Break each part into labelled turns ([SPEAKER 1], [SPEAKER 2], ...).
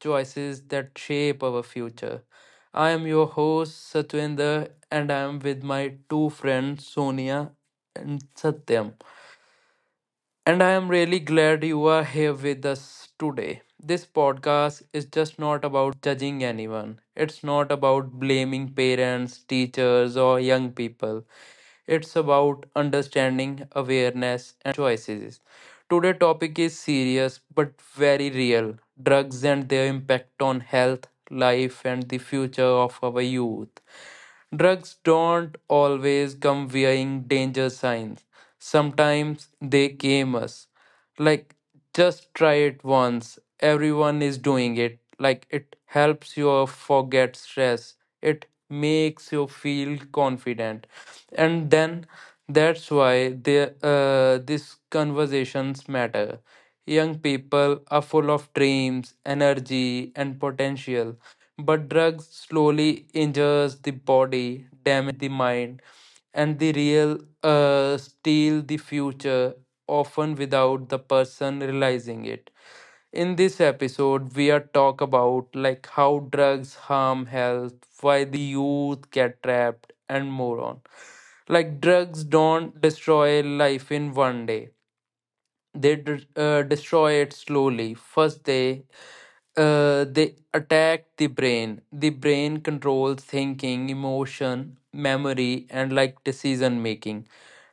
[SPEAKER 1] Choices That Shape Our Future. I am your host, Satwinder, and I am with my two friends, Sonia and Satyam. And I am really glad you are here with us today. This podcast is just not about judging anyone, it's not about blaming parents, teachers, or young people. It's about understanding, awareness, and choices. Today topic is serious but very real. Drugs and their impact on health, life, and the future of our youth. Drugs don't always come wearing danger signs. Sometimes they game us. Like, just try it once. Everyone is doing it. Like, it helps you forget stress. It makes you feel confident. And then that's why these conversations matter. Young people are full of dreams, energy, and potential, but drugs slowly injures the body, damage the mind, and the real steal the future, often without the person realizing it. In this episode, we are talk about like how drugs harm health, why the youth get trapped, and more on. Like drugs don't destroy life in one day; destroy it slowly. First, they attack the brain. The brain controls thinking, emotion, memory, and like decision making.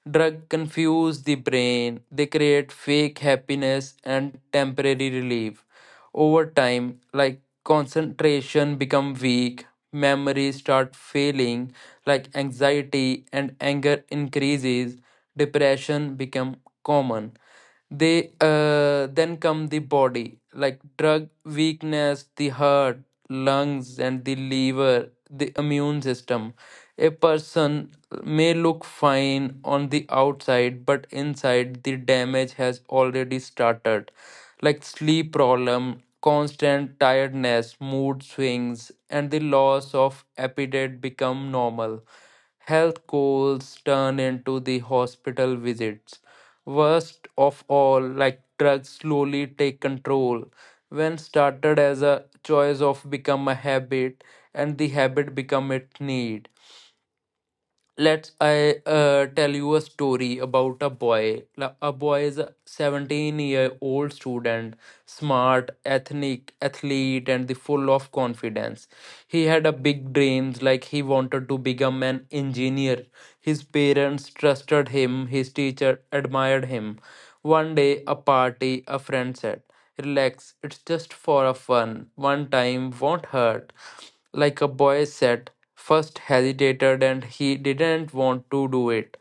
[SPEAKER 1] Drug confuse the brain. They create fake happiness and temporary relief. Over time, like concentration become weak, memory start failing, like anxiety and anger increases, depression become common. They uh, then come the body. Like drug weakness the heart, lungs, and the liver, the immune system. A person may look fine on the outside, but inside the damage has already started. Like sleep problem, constant tiredness, mood swings, and the loss of appetite become normal. Health goals turn into the hospital visits. Worst of all, like drugs slowly take control. When started as a choice, of become a habit, and the habit become a need. Let's i uh, tell you a story about a boy. A boy is a 17-year-old student, smart, ethnic, athlete, and the full of confidence. He had a big dreams. Like, he wanted to become an engineer. His parents trusted him, his teacher admired him. One day, a party, a friend said, relax, it's just for a fun, one time won't hurt. Like a boy said, first hesitated, and he didn't want to do it.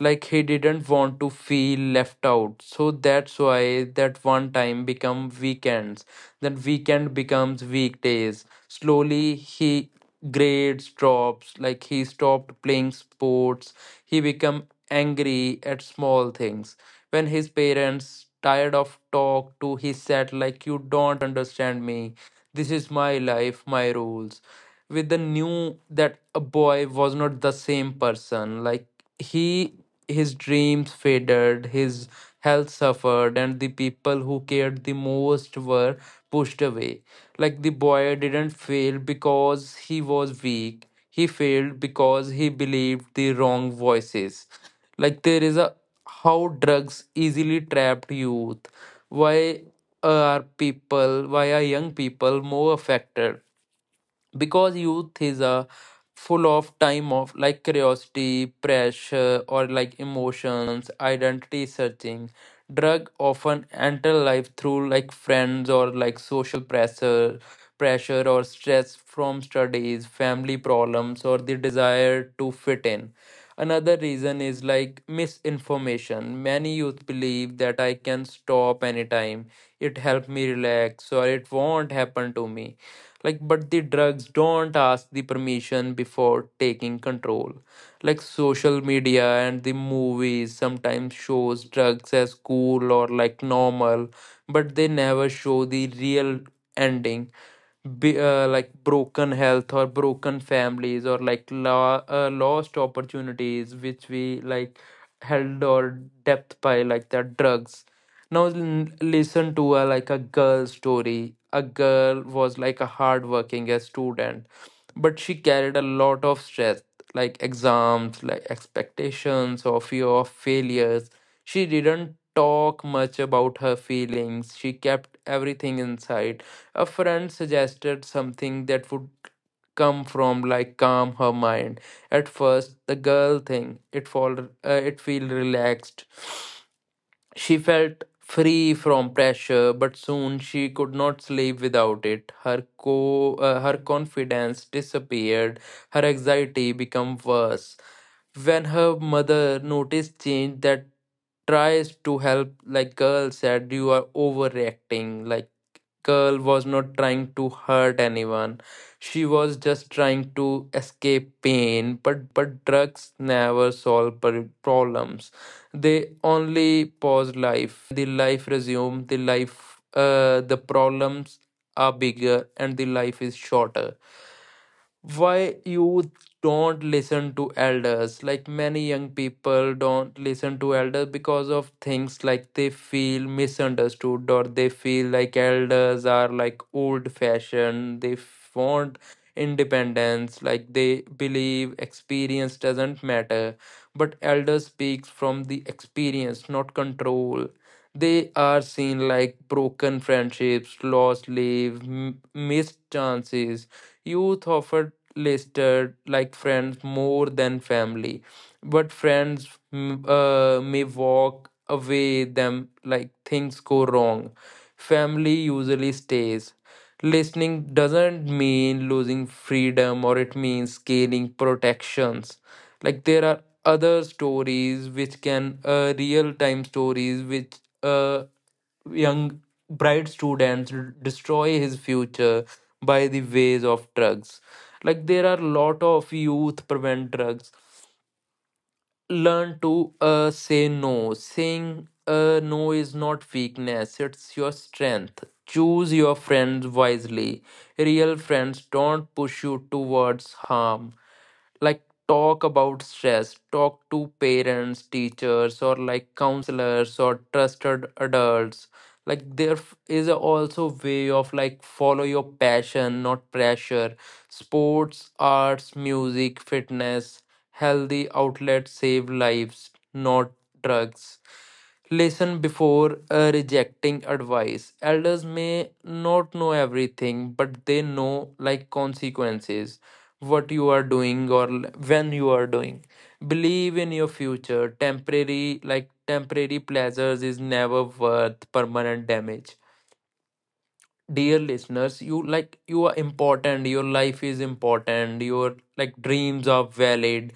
[SPEAKER 1] Like he didn't want to feel left out. So that's why that one time become weekends. Then weekend becomes weekdays. Slowly he grades drops, like he stopped playing sports. He become angry at small things. When his parents tired of talk to, he said, like, you don't understand me. This is my life, my rules. With the knew that a boy was not the same person. Like he his dreams faded, his health suffered, and the people who cared the most were pushed away. Like the boy didn't fail because he was weak. He failed because he believed the wrong voices. Like there is a how drugs easily trapped youth. Why are people why are young people more affected? Because youth is a full of time of like curiosity, pressure, or like emotions, identity searching. Drug often enter life through like friends, or like social pressure, or stress from studies, family problems, or the desire to fit in. Another reason is like misinformation. Many youth believe that I can stop anytime, it helped me relax, or it won't happen to me. Like, but the drugs don't ask the permission before taking control. Like social media and the movies sometimes shows drugs as cool, or like normal, but they never show the real ending. Like broken health, or broken families, or like lost opportunities, which we like held or depth by like their drugs. Now listen to a like a girl story. A girl was like a hardworking a student, but she carried a lot of stress, like exams, like expectations, or fear of failures. She didn't talk much about her feelings, she kept everything inside. A friend suggested something that would come from like calm her mind. At first, the girl thing it fall it feel relaxed. She felt free from pressure, but soon she could not sleep without it. Her confidence disappeared, her anxiety became worse. When her mother noticed change that tries to help, like girl said, you are overreacting. Like girl was not trying to hurt anyone. She was just trying to escape pain, but drugs never solve problems. They only pause life. When the life resumes, the problems are bigger and the life is shorter. Why you don't listen to elders? Like many young people don't listen to elders because of things like they feel misunderstood, or they feel like elders are like old fashioned. They want independence. Like they believe experience doesn't matter, but elders speaks from the experience, not control. They are seen like broken friendships, lost leave, missed chances. Youth often listed like friends more than family, but friends may walk away them like things go wrong. Family usually stays. Listening doesn't mean losing freedom, or it means gaining protections. Like there are other stories which can real time stories which uh, young bright students destroy his future by the ways of drugs. Like there are lot of youth. Prevent drugs, learn to say no. Saying no is not weakness, it's your strength. Choose your friends wisely. Real friends don't push you towards harm. Like talk about stress, talk to parents, teachers, or like counselors, or trusted adults. Like there is a also way of like follow your passion, not pressure. Sports, arts, music, fitness, healthy outlets save lives, not drugs. Listen before rejecting advice. Elders may not know everything, but they know like consequences what you are doing, or when you are doing. Believe in your future. Temporary pleasures is never worth permanent damage. Dear listeners, you are important, your life is important, your like dreams are valid.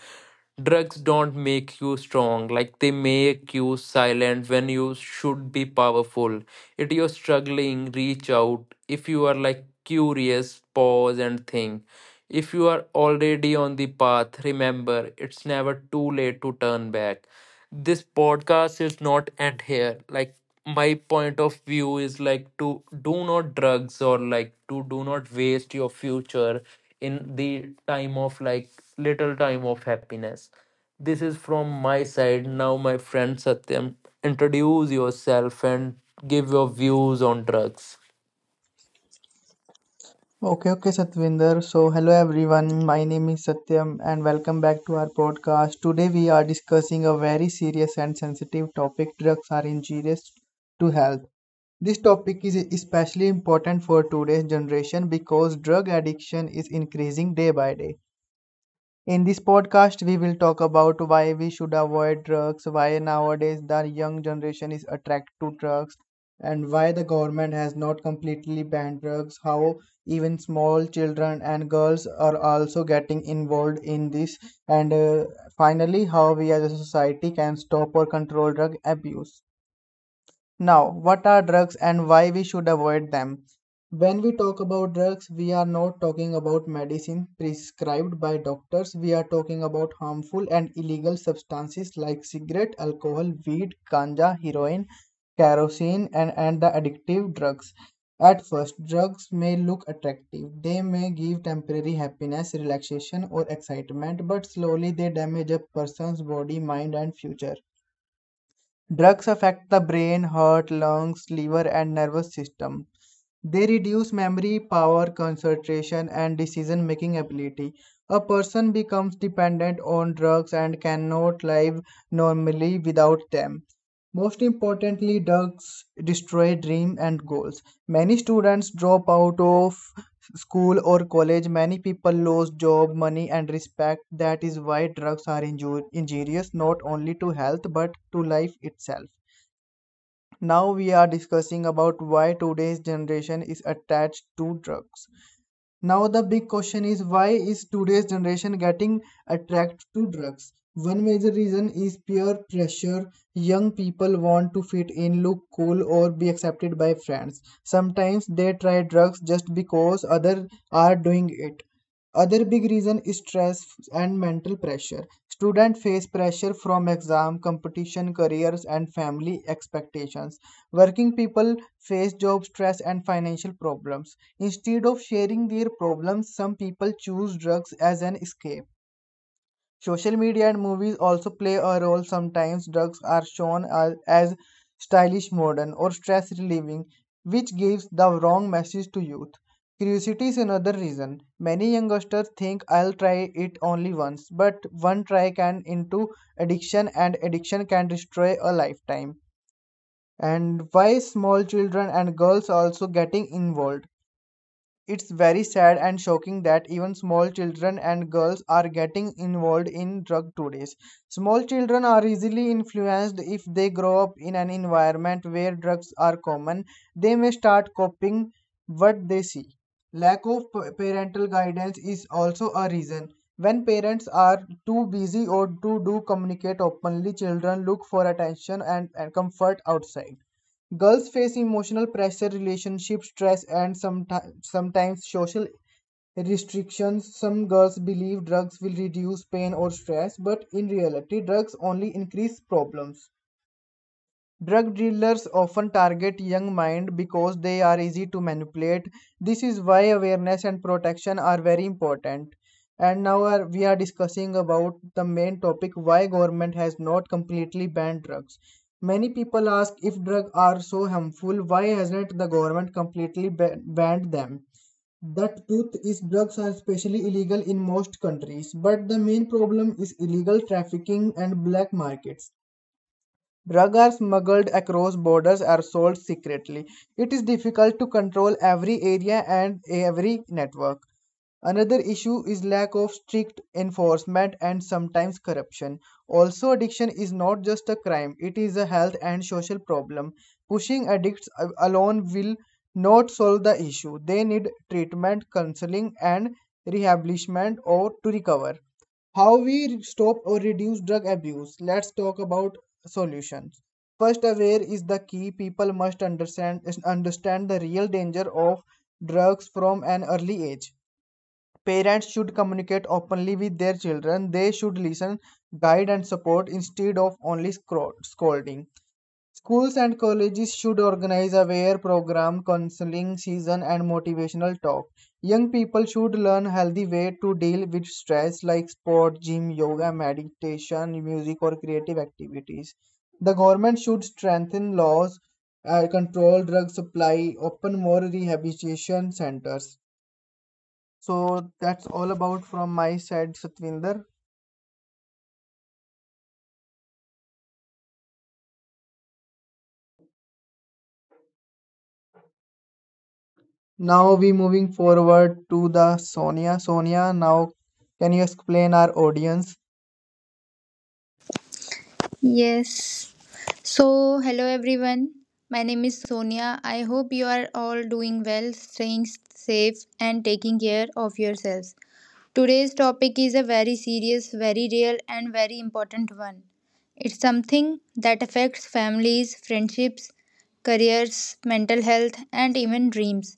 [SPEAKER 1] Drugs don't make you strong, like they make you silent when you should be powerful. If you're struggling, reach out. If you are like curious, pause and think. If you are already on the path, remember it's never too late to turn back. This podcast is not end here. Like my point of view is like to do not drugs, or like to do not waste your future in the time of like little time of happiness. This is from my side. Now my friend Satyam, introduce yourself and give your views on drugs.
[SPEAKER 2] Okay, Satvinder. So hello everyone. My name is Satyam and welcome back to our podcast. Today, we are discussing a very serious and sensitive topic: drugs are injurious to health. This topic is especially important for today's generation because drug addiction is increasing day by day. In this podcast, we will talk about why we should avoid drugs, why nowadays the young generation is attracted to drugs, and why the government has not completely banned drugs, how even small children and girls are also getting involved in this, and finally, how we as a society can stop or control drug abuse. Now, what are drugs and why we should avoid them? When we talk about drugs, we are not talking about medicine prescribed by doctors. We are talking about harmful and illegal substances like cigarette, alcohol, weed, ganja, heroin, kerosene, and the addictive drugs. At first, drugs may look attractive. They may give temporary happiness, relaxation, or excitement, but slowly they damage a person's body, mind, and future. Drugs affect the brain, heart, lungs, liver, and nervous system. They reduce memory, power, concentration, and decision making ability. A person becomes dependent on drugs and cannot live normally without them. Most importantly, drugs destroy dreams and goals. Many students drop out of school or college, many people lose job, money, and respect. That is why drugs are injurious not only to health but to life itself. Now we are discussing about why today's generation is attached to drugs. Now the big question is, why is today's generation getting attracted to drugs? One major reason is peer pressure. Young people want to fit in, look cool, or be accepted by friends. Sometimes they try drugs just because others are doing it. Other big reason is stress and mental pressure. Students face pressure from exam, competition, careers, and family expectations. Working people face job stress and financial problems. Instead of sharing their problems, some people choose drugs as an escape. Social media and movies also play a role. Sometimes drugs are shown as stylish, modern, or stress relieving, which gives the wrong message to youth. Curiosity is another reason. Many youngsters think, I'll try it only once, but one try can into addiction, and addiction can destroy a lifetime. And why small children and girls also getting involved? It's very sad and shocking that even small children and girls are getting involved in drug today's. Small children are easily influenced if they grow up in an environment where drugs are common. They may start copying what they see. Lack of parental guidance is also a reason. When parents are too busy or too do communicate openly, children look for attention and comfort outside. Girls face emotional pressure, relationship stress, and sometimes social restrictions. Some girls believe drugs will reduce pain or stress, but in reality, drugs only increase problems. Drug dealers often target young minds because they are easy to manipulate. This is why awareness and protection are very important. And now we are discussing about the main topic: why government has not completely banned drugs. Many people ask, if drugs are so harmful, why hasn't the government completely banned them? The truth is drugs are especially illegal in most countries, but the main problem is illegal trafficking and black markets. Drugs are smuggled across borders or sold secretly. It is difficult to control every area and every network. Another issue is lack of strict enforcement and sometimes corruption. Also, addiction is not just a crime, it is a health and social problem. Pushing addicts alone will not solve the issue. They need treatment, counseling, and rehabilitation or to recover. How we stop or reduce drug abuse? Let's talk about solutions. First, aware is the key. People must understand the real danger of drugs from an early age. Parents should communicate openly with their children. They should listen, guide, and support instead of only scolding. Schools and colleges should organize aware program, counseling season and motivational talk. Young people should learn healthy way to deal with stress like sport, gym, yoga, meditation, music or creative activities. The government should strengthen laws, control drug supply, open more rehabilitation centers. So that's all about from my side, Satvinder. Now we moving forward to the Sonia. Sonia, now can you explain our audience?
[SPEAKER 3] Yes. So, hello everyone. My name is Sonia. I hope you are all doing well, staying safe, and taking care of yourselves. Today's topic is a very serious, very real, and very important one. It's something that affects families, friendships, careers, mental health, and even dreams.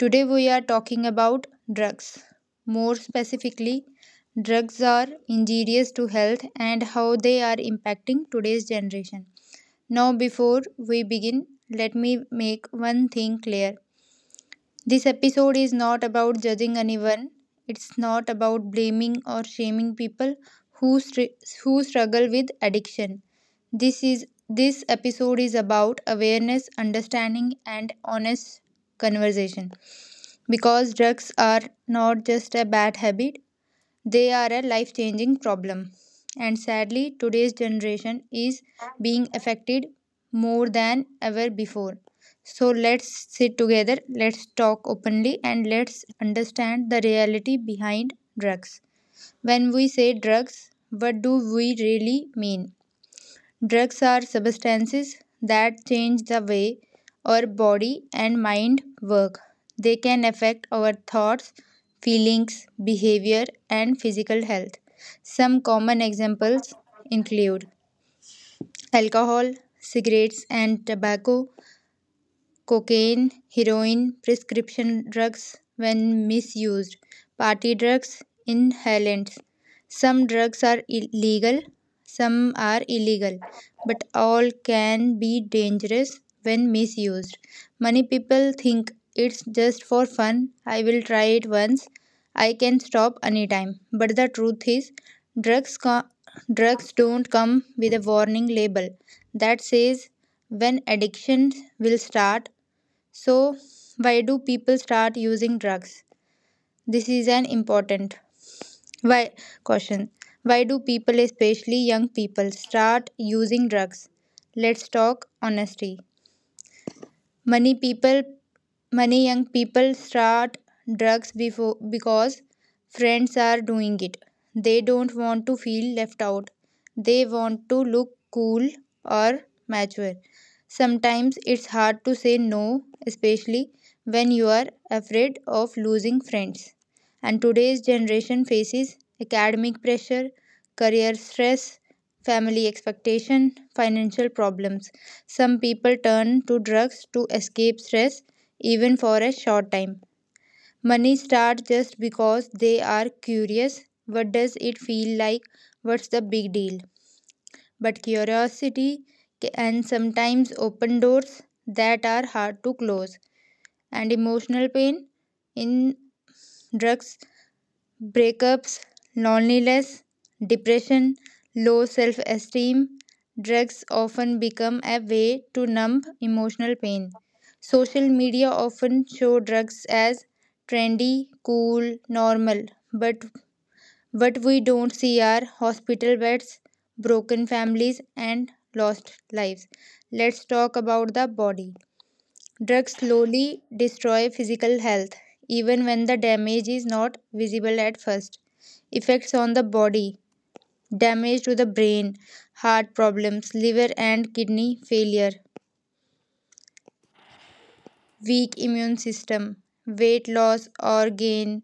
[SPEAKER 3] Today, we are talking about drugs. More specifically, drugs are injurious to health and how they are impacting today's generation. Now, before we begin, let me make one thing clear: this episode is not about judging anyone. It's not about blaming or shaming people who struggle with addiction. This episode is about awareness, understanding, and honest conversation, because drugs are not just a bad habit, they are a life changing problem. And sadly, today's generation is being affected more than ever before. So let's sit together, let's talk openly, and let's understand the reality behind drugs. When we say drugs, what do we really mean? Drugs are substances that change the way our body and mind work. They can affect our thoughts, feelings, behavior, and physical health. Some common examples include alcohol, cigarettes, and tobacco, cocaine, heroin, prescription drugs when misused, party drugs, inhalants. Some drugs are legal, some are illegal, but all can be dangerous when misused. Many people think it's just for fun, I will try it once, I can stop anytime. But the truth is, drugs, co- drugs don't come with a warning label that says when addiction will start. So, why do people start using drugs? This is an important why question. Why do people, especially young people, start using drugs? Let's talk honesty. many people Many young people start drugs before because friends are doing it. They don't want to feel left out. They want to look cool or mature. Sometimes it's hard to say no, especially when you are afraid of losing friends. And today's generation faces academic pressure, career stress, family expectation, financial problems. Some people turn to drugs to escape stress, even for a short time. Many start just because they are curious. What does it feel like? What's the big deal? But curiosity can sometimes open doors that are hard to close. And emotional pain in drugs: breakups, loneliness, depression, low self esteem. Drugs often become a way to numb emotional pain. Social media often show drugs as trendy, cool, normal, but what we don't see are hospital beds, broken families, and lost lives. Let's talk about the body. Drugs slowly destroy physical health, even when the damage is not visible at first. Effects on the body: damage to the brain, heart problems, liver and kidney failure, weak immune system, weight loss or gain,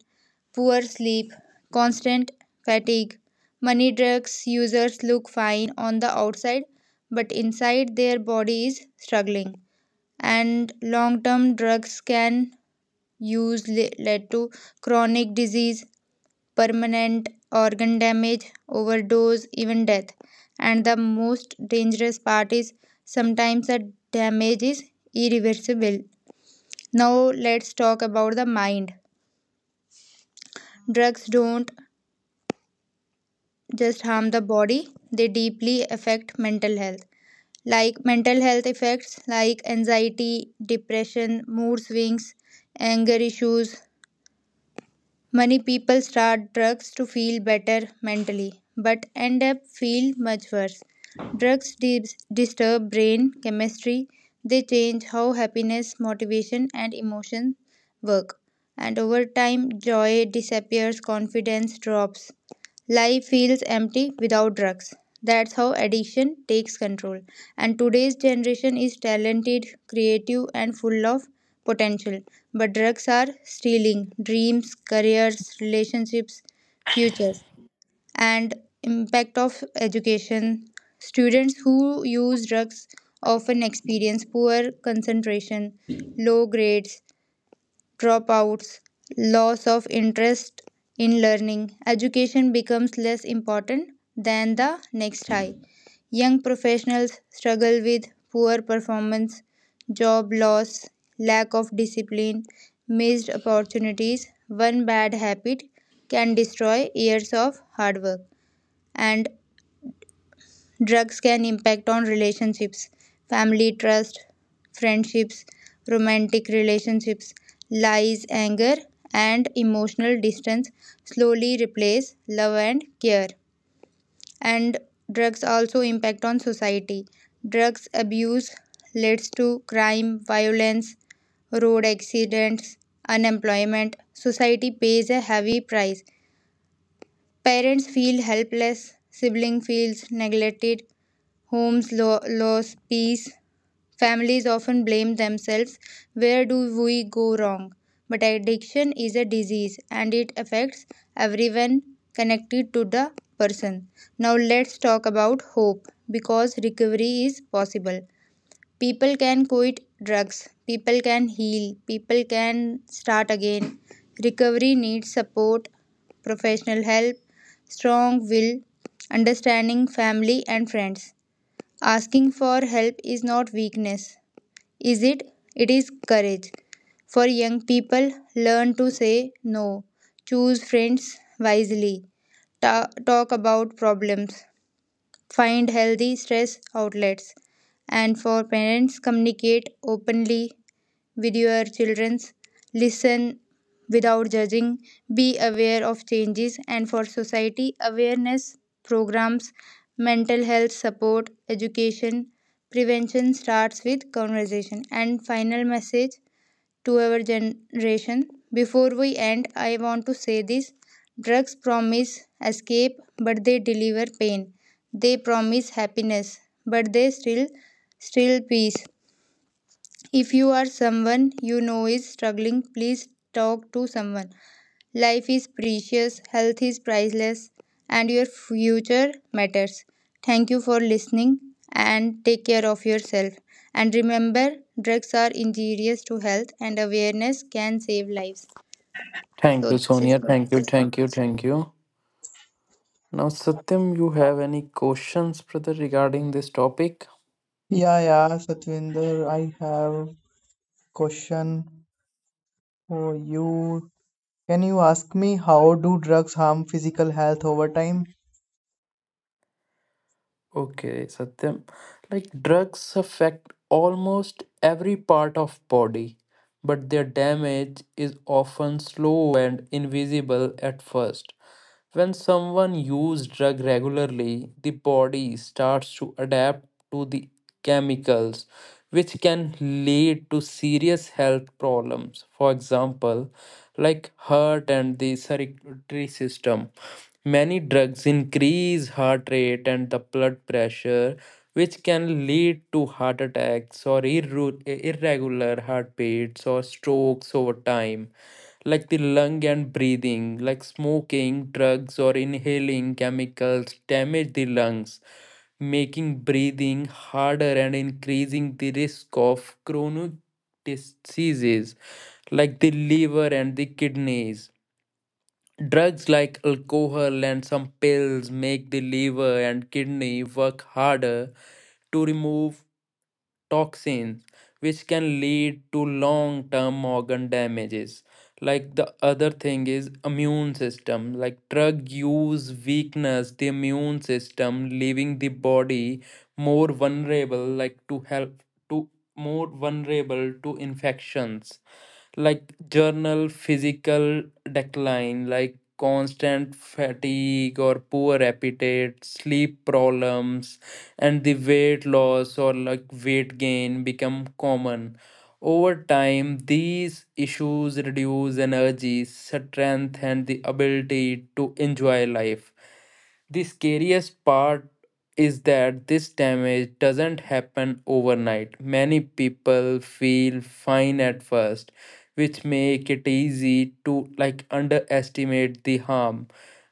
[SPEAKER 3] poor sleep, constant fatigue. Many drugs users look fine on the outside, but inside their body is struggling. And long term, drugs can use led to chronic disease, permanent organ damage, overdose, even death. And the most dangerous part is sometimes the damage is irreversible. Now, let's talk about the mind. Drugs don't just harm the body, they deeply affect mental health. Like mental health effects like anxiety, depression, mood swings, anger issues. Many people start drugs to feel better mentally, but end up feel much worse. Drugs disturb brain chemistry. They change how happiness, motivation, and emotion work. And over time, joy disappears, confidence drops. Life feels empty without drugs. That's how addiction takes control. And today's generation is talented, creative, and full of potential. But drugs are stealing dreams, careers, relationships, futures, and impact of education. Students who use drugs often experience poor concentration, low grades, dropouts, loss of interest in learning. Education becomes less important than the next high. Young professionals struggle with poor performance, job loss, lack of discipline, missed opportunities. One bad habit can destroy years of hard work. And drugs can impact on relationships, family trust, friendships, romantic relationships. Lies, anger, and emotional distance slowly replace love and care. And drugs also impact on society. Drugs abuse leads to crime, violence, road accidents, unemployment. Society pays a heavy price. Parents feel helpless, sibling feels neglected, homes lose peace, families often blame themselves. Where do we go wrong? But addiction is a disease, and it affects everyone connected to the person. Now let's talk about hope, because recovery is possible. People can quit drugs, people can heal, people can start again. Recovery needs support, professional help, strong will, understanding family and friends. Asking for help is not weakness, is it, it is courage. For young people, learn to say no, choose friends wisely, talk about problems, find healthy stress outlets. And for parents, communicate openly with your children. Listen without judging. Be aware of changes. And for society, awareness programs, mental health support, education, prevention starts with conversation. And final message to our generation. Before we end, I want to say this: drugs promise escape, but they deliver pain. They promise happiness, but they still peace. If you are someone you know is struggling, please talk to someone. Life is precious, health is priceless, and your future matters. Thank you for listening and take care of yourself. And remember, drugs are injurious to health, and awareness can save lives.
[SPEAKER 1] Thank
[SPEAKER 3] So,
[SPEAKER 1] you,
[SPEAKER 3] this is
[SPEAKER 1] Sonia.
[SPEAKER 3] for.
[SPEAKER 1] Thank you, thank you, thank you. Now, Satyam, you have any questions, brother, regarding this topic?
[SPEAKER 2] Yeah, yeah, Satvinder, I have question for you. Can you ask me, how do drugs harm physical health over time?
[SPEAKER 1] Okay, Satyam. Like drugs affect almost every part of body, but their damage is often slow and invisible at first. When someone uses drug regularly, the body starts to adapt to the chemicals, which can lead to serious health problems. For example, like heart and the circulatory system. Many drugs increase heart rate and the blood pressure, which can lead to heart attacks, or irregular heartbeats, or strokes over time. Like the lung and breathing, like smoking, drugs, or inhaling chemicals damage the lungs, making breathing harder and increasing the risk of chronic diseases. Like the liver and the kidneys. Drugs like alcohol and some pills make the liver and kidney work harder to remove toxins, which can lead to long term organ damages. Like the other thing is immune system. Like drug use weakness the immune system, leaving the body more vulnerable, like to help to more vulnerable to infections. Like journal physical decline, like constant fatigue, or poor appetite, sleep problems, and the weight loss or like weight gain become common over time. These issues reduce energy, strength, and the ability to enjoy life. The scariest part is that this damage doesn't happen overnight. Many people feel fine at first, which make it easy to like underestimate the harm.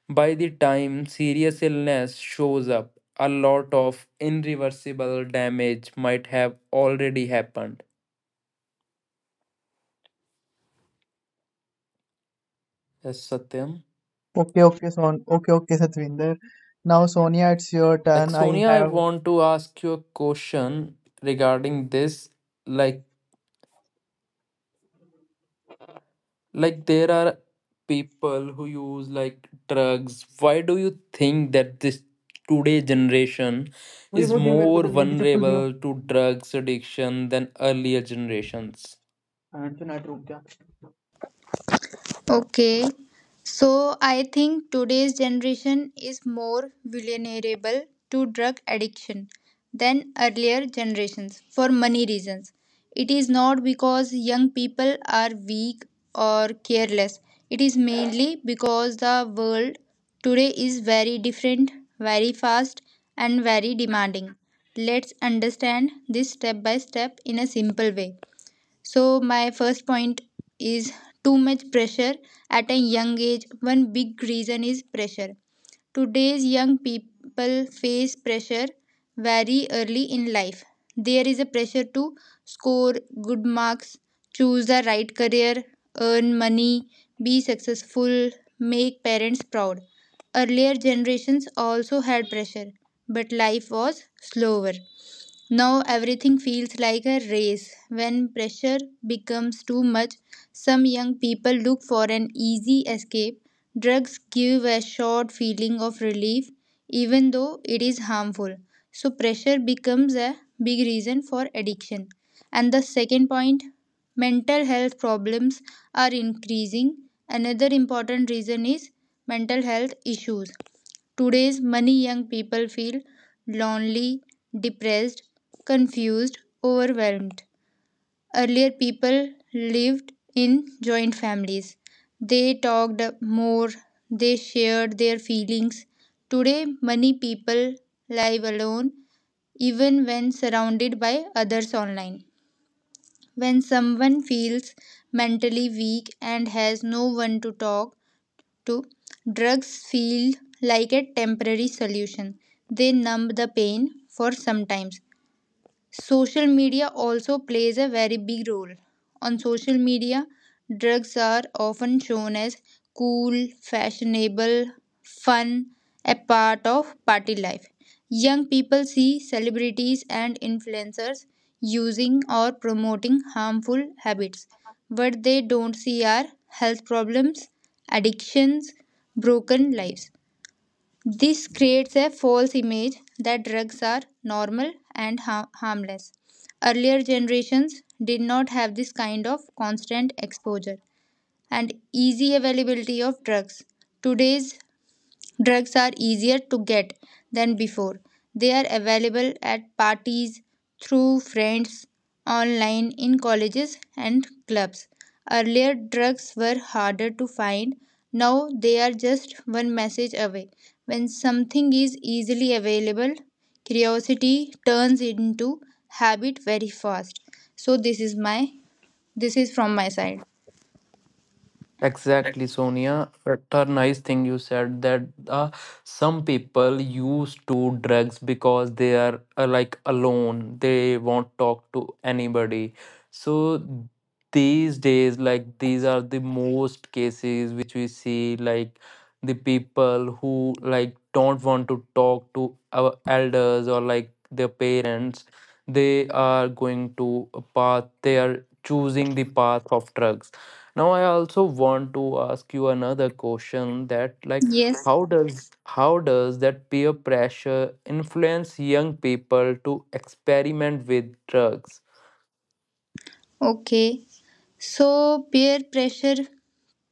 [SPEAKER 1] By the time serious illness shows up, a lot of irreversible damage might have already happened. Yes, Satyam.
[SPEAKER 2] Okay, Son. Okay, Satvinder. Now, Sonia, it's your
[SPEAKER 1] Like
[SPEAKER 2] turn. I
[SPEAKER 1] Sonia, I
[SPEAKER 2] have.
[SPEAKER 1] want to ask you a question regarding this. Like, Like, there are people who use like drugs. Why do you think that this today generation
[SPEAKER 2] वही
[SPEAKER 1] is
[SPEAKER 2] वो दियो मेरे को
[SPEAKER 1] more
[SPEAKER 2] जल्दी चप्पल दियो,
[SPEAKER 1] vulnerable to drugs addiction than earlier generations?
[SPEAKER 2] हाँ, तो नाट रुक गया
[SPEAKER 3] Okay, so I think today's generation is more vulnerable to drug addiction than earlier generations for many reasons. It is not because young people are weak or careless, it is mainly because the world today is very different, very fast, and very demanding. Let's understand this step by step in a simple way. So, my first point is too much pressure at a young age. One big reason is pressure. Today's young people face pressure very early in life. There is a pressure to score good marks, choose the right career, earn money, be successful, make parents proud. Earlier generations also had pressure, but life was slower. Now everything feels like a race. When pressure becomes too much, some young people look for an easy escape. Drugs give a short feeling of relief, even though it is harmful. So, pressure becomes a big reason for addiction. And the second point, mental health problems are increasing. Another important reason is mental health issues. Today's many young people feel lonely, depressed, confused, overwhelmed. Earlier, people lived in joint families. They talked more, they shared their feelings. Today, many people live alone even when surrounded by others online. When someone feels mentally weak and has no one to talk, 2. Drugs feel like a temporary solution. They numb the pain for sometimes. Social media also plays a very big role. On social media, drugs are often shown as cool, fashionable, fun, a part of party life. Young people see celebrities and influencers using or promoting harmful habits. What they don't see are health problems, addictions, broken lives. This creates a false image that drugs are normal and harmless. Earlier generations did not have this kind of constant exposure and easy availability of drugs. Today's drugs are easier to get than before. They are available at parties, through friends, online, in colleges and clubs. Earlier, drugs were harder to find. Now, they are just one message away. When something is easily available, curiosity turns into habit very fast. So, this is my this is from my side.
[SPEAKER 1] Exactly, Sonia. It's a nice thing you said that uh, some people used to do drugs because they are like alone. They won't talk to anybody. So these days, like these are the most cases which we see, like the people who like don't want to talk to our elders, or like their parents. They are going to a path. They are choosing the path of drugs. Now I also want to ask you another question, that like
[SPEAKER 3] Yes.
[SPEAKER 1] how does that peer pressure influence young people to experiment with drugs?
[SPEAKER 3] Okay. So peer pressure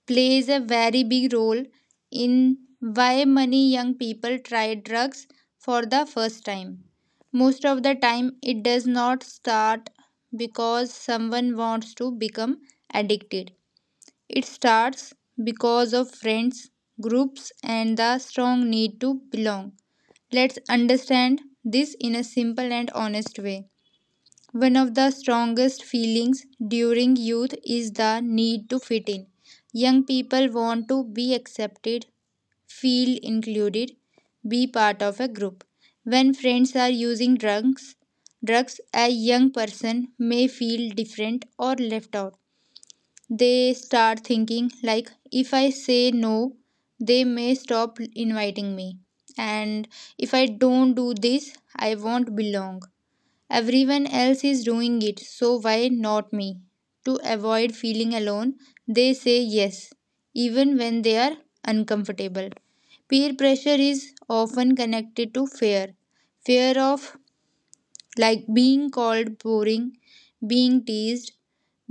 [SPEAKER 3] plays a very big role in why many young people try drugs for the first time. Most of the time, it does not start because someone wants to become addicted. It starts because of friends, groups, and the strong need to belong. Let's understand this in a simple and honest way. One of the strongest feelings during youth is the need to fit in. Young people want to be accepted, feel included, be part of a group. When friends are using drugs, a young person may feel different or left out. They start thinking like, if I say no, they may stop inviting me, and if I don't do this, I won't belong. Everyone else is doing it, so why not me? To avoid feeling alone, they say yes, even when they are uncomfortable. Peer pressure is often connected to fear, fear of like being called boring, being teased,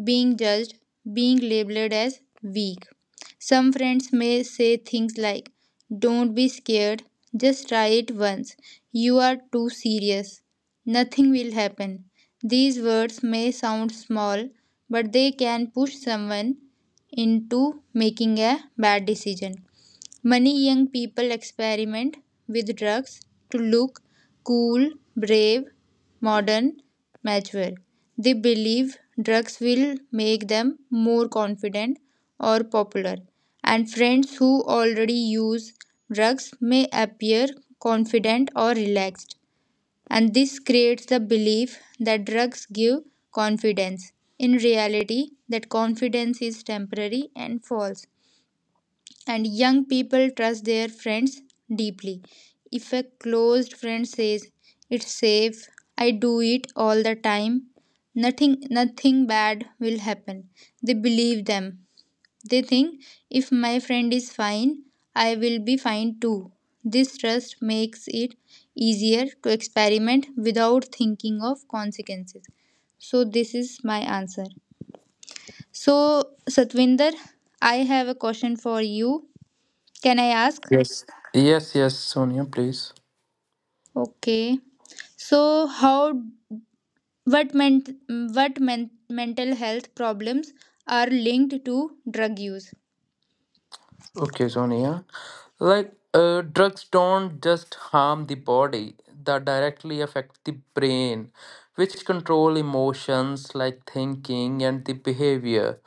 [SPEAKER 3] being judged, being labeled as weak. Some friends may say things like, don't be scared, just try it once. You are too serious. Nothing will happen. These words may sound small, but they can push someone into making a bad decision. Many young people experiment with drugs to look cool, brave, modern, mature. They believe drugs will make them more confident or popular, and friends who already use drugs may appear confident or relaxed. And this creates the belief that drugs give confidence. In reality, that confidence is temporary and false. And young people trust their friends deeply. If a closed friend says, it's safe, I do it all the time, nothing bad will happen, they believe them. They think, if my friend is fine, I will be fine too. This trust makes it easier to experiment without thinking of consequences. So this is my answer. So Satvinder, I have a question for you. Can I ask?
[SPEAKER 1] Yes. Yes, yes, Sonia, please.
[SPEAKER 3] Okay. So how what ment what men, mental health problems are linked to drug use?
[SPEAKER 1] Okay, Sonia. Like, drugs don't just harm the body, they directly affect the brain, which control emotions like thinking and the behavior.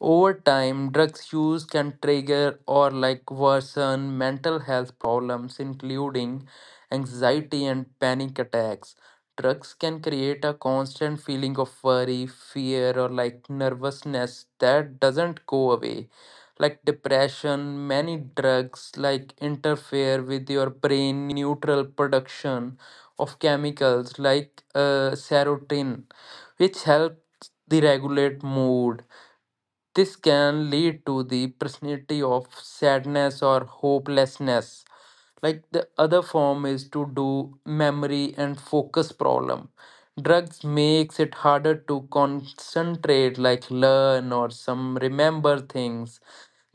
[SPEAKER 1] Over time, drugs use can trigger or like worsen mental health problems, including anxiety and panic attacks. Drugs can create a constant feeling of worry, fear, or like nervousness that doesn't go away. Like depression, many drugs like interfere with your brain neutral production of chemicals, like serotonin, which helps the regulate mood. This can lead to the personality of sadness or hopelessness. Like the other form is to do memory and focus problem. Drugs makes it harder to concentrate, like learn, or some remember things.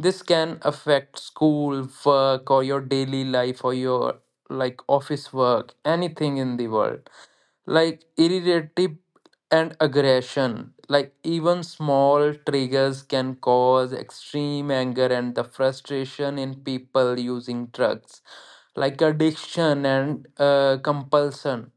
[SPEAKER 1] This can affect school, work, or your daily life, or your like office work, anything in the world. Like irritative and aggression, like even small triggers can cause extreme anger and the frustration in people using drugs. Like addiction and compulsion,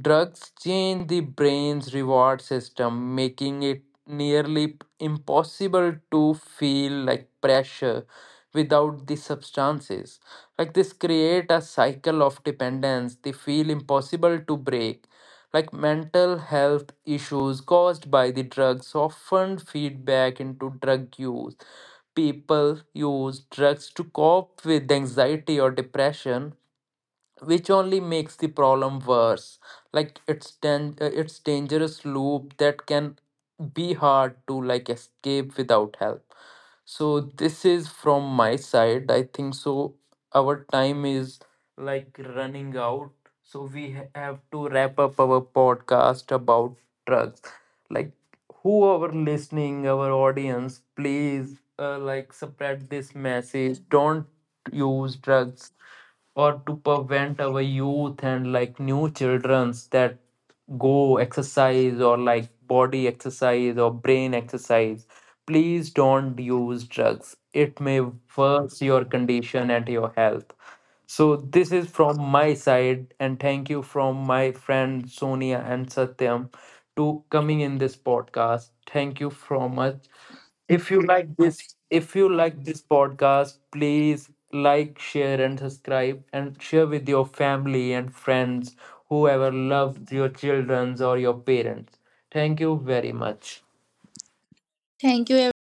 [SPEAKER 1] drugs change the brain's reward system, making it nearly impossible to feel like pressure without the substances. Like this create a cycle of dependence they feel impossible to break. Like mental health issues caused by the drugs often feed back into drug use. People use drugs to cope with anxiety or depression, which only makes the problem worse. Like it's dangerous loop that can be hard to like escape without help. So this is from my side. I think so our time is like running out, so we have to wrap up our podcast about drugs. Like whoever listening, our audience, please like spread this message, don't use drugs, or to prevent our youth and like new childrens that go exercise, or like body exercise, or brain exercise. Please don't use drugs, it may worsen your condition and your health. So this is from my side, and thank you from my friend Sonia and Satyam to coming in this podcast. Thank you so much. If you like this podcast, please like, share, and subscribe, and share with your family and friends, whoever loves your children or your parents. Thank you very much.
[SPEAKER 3] Thank you.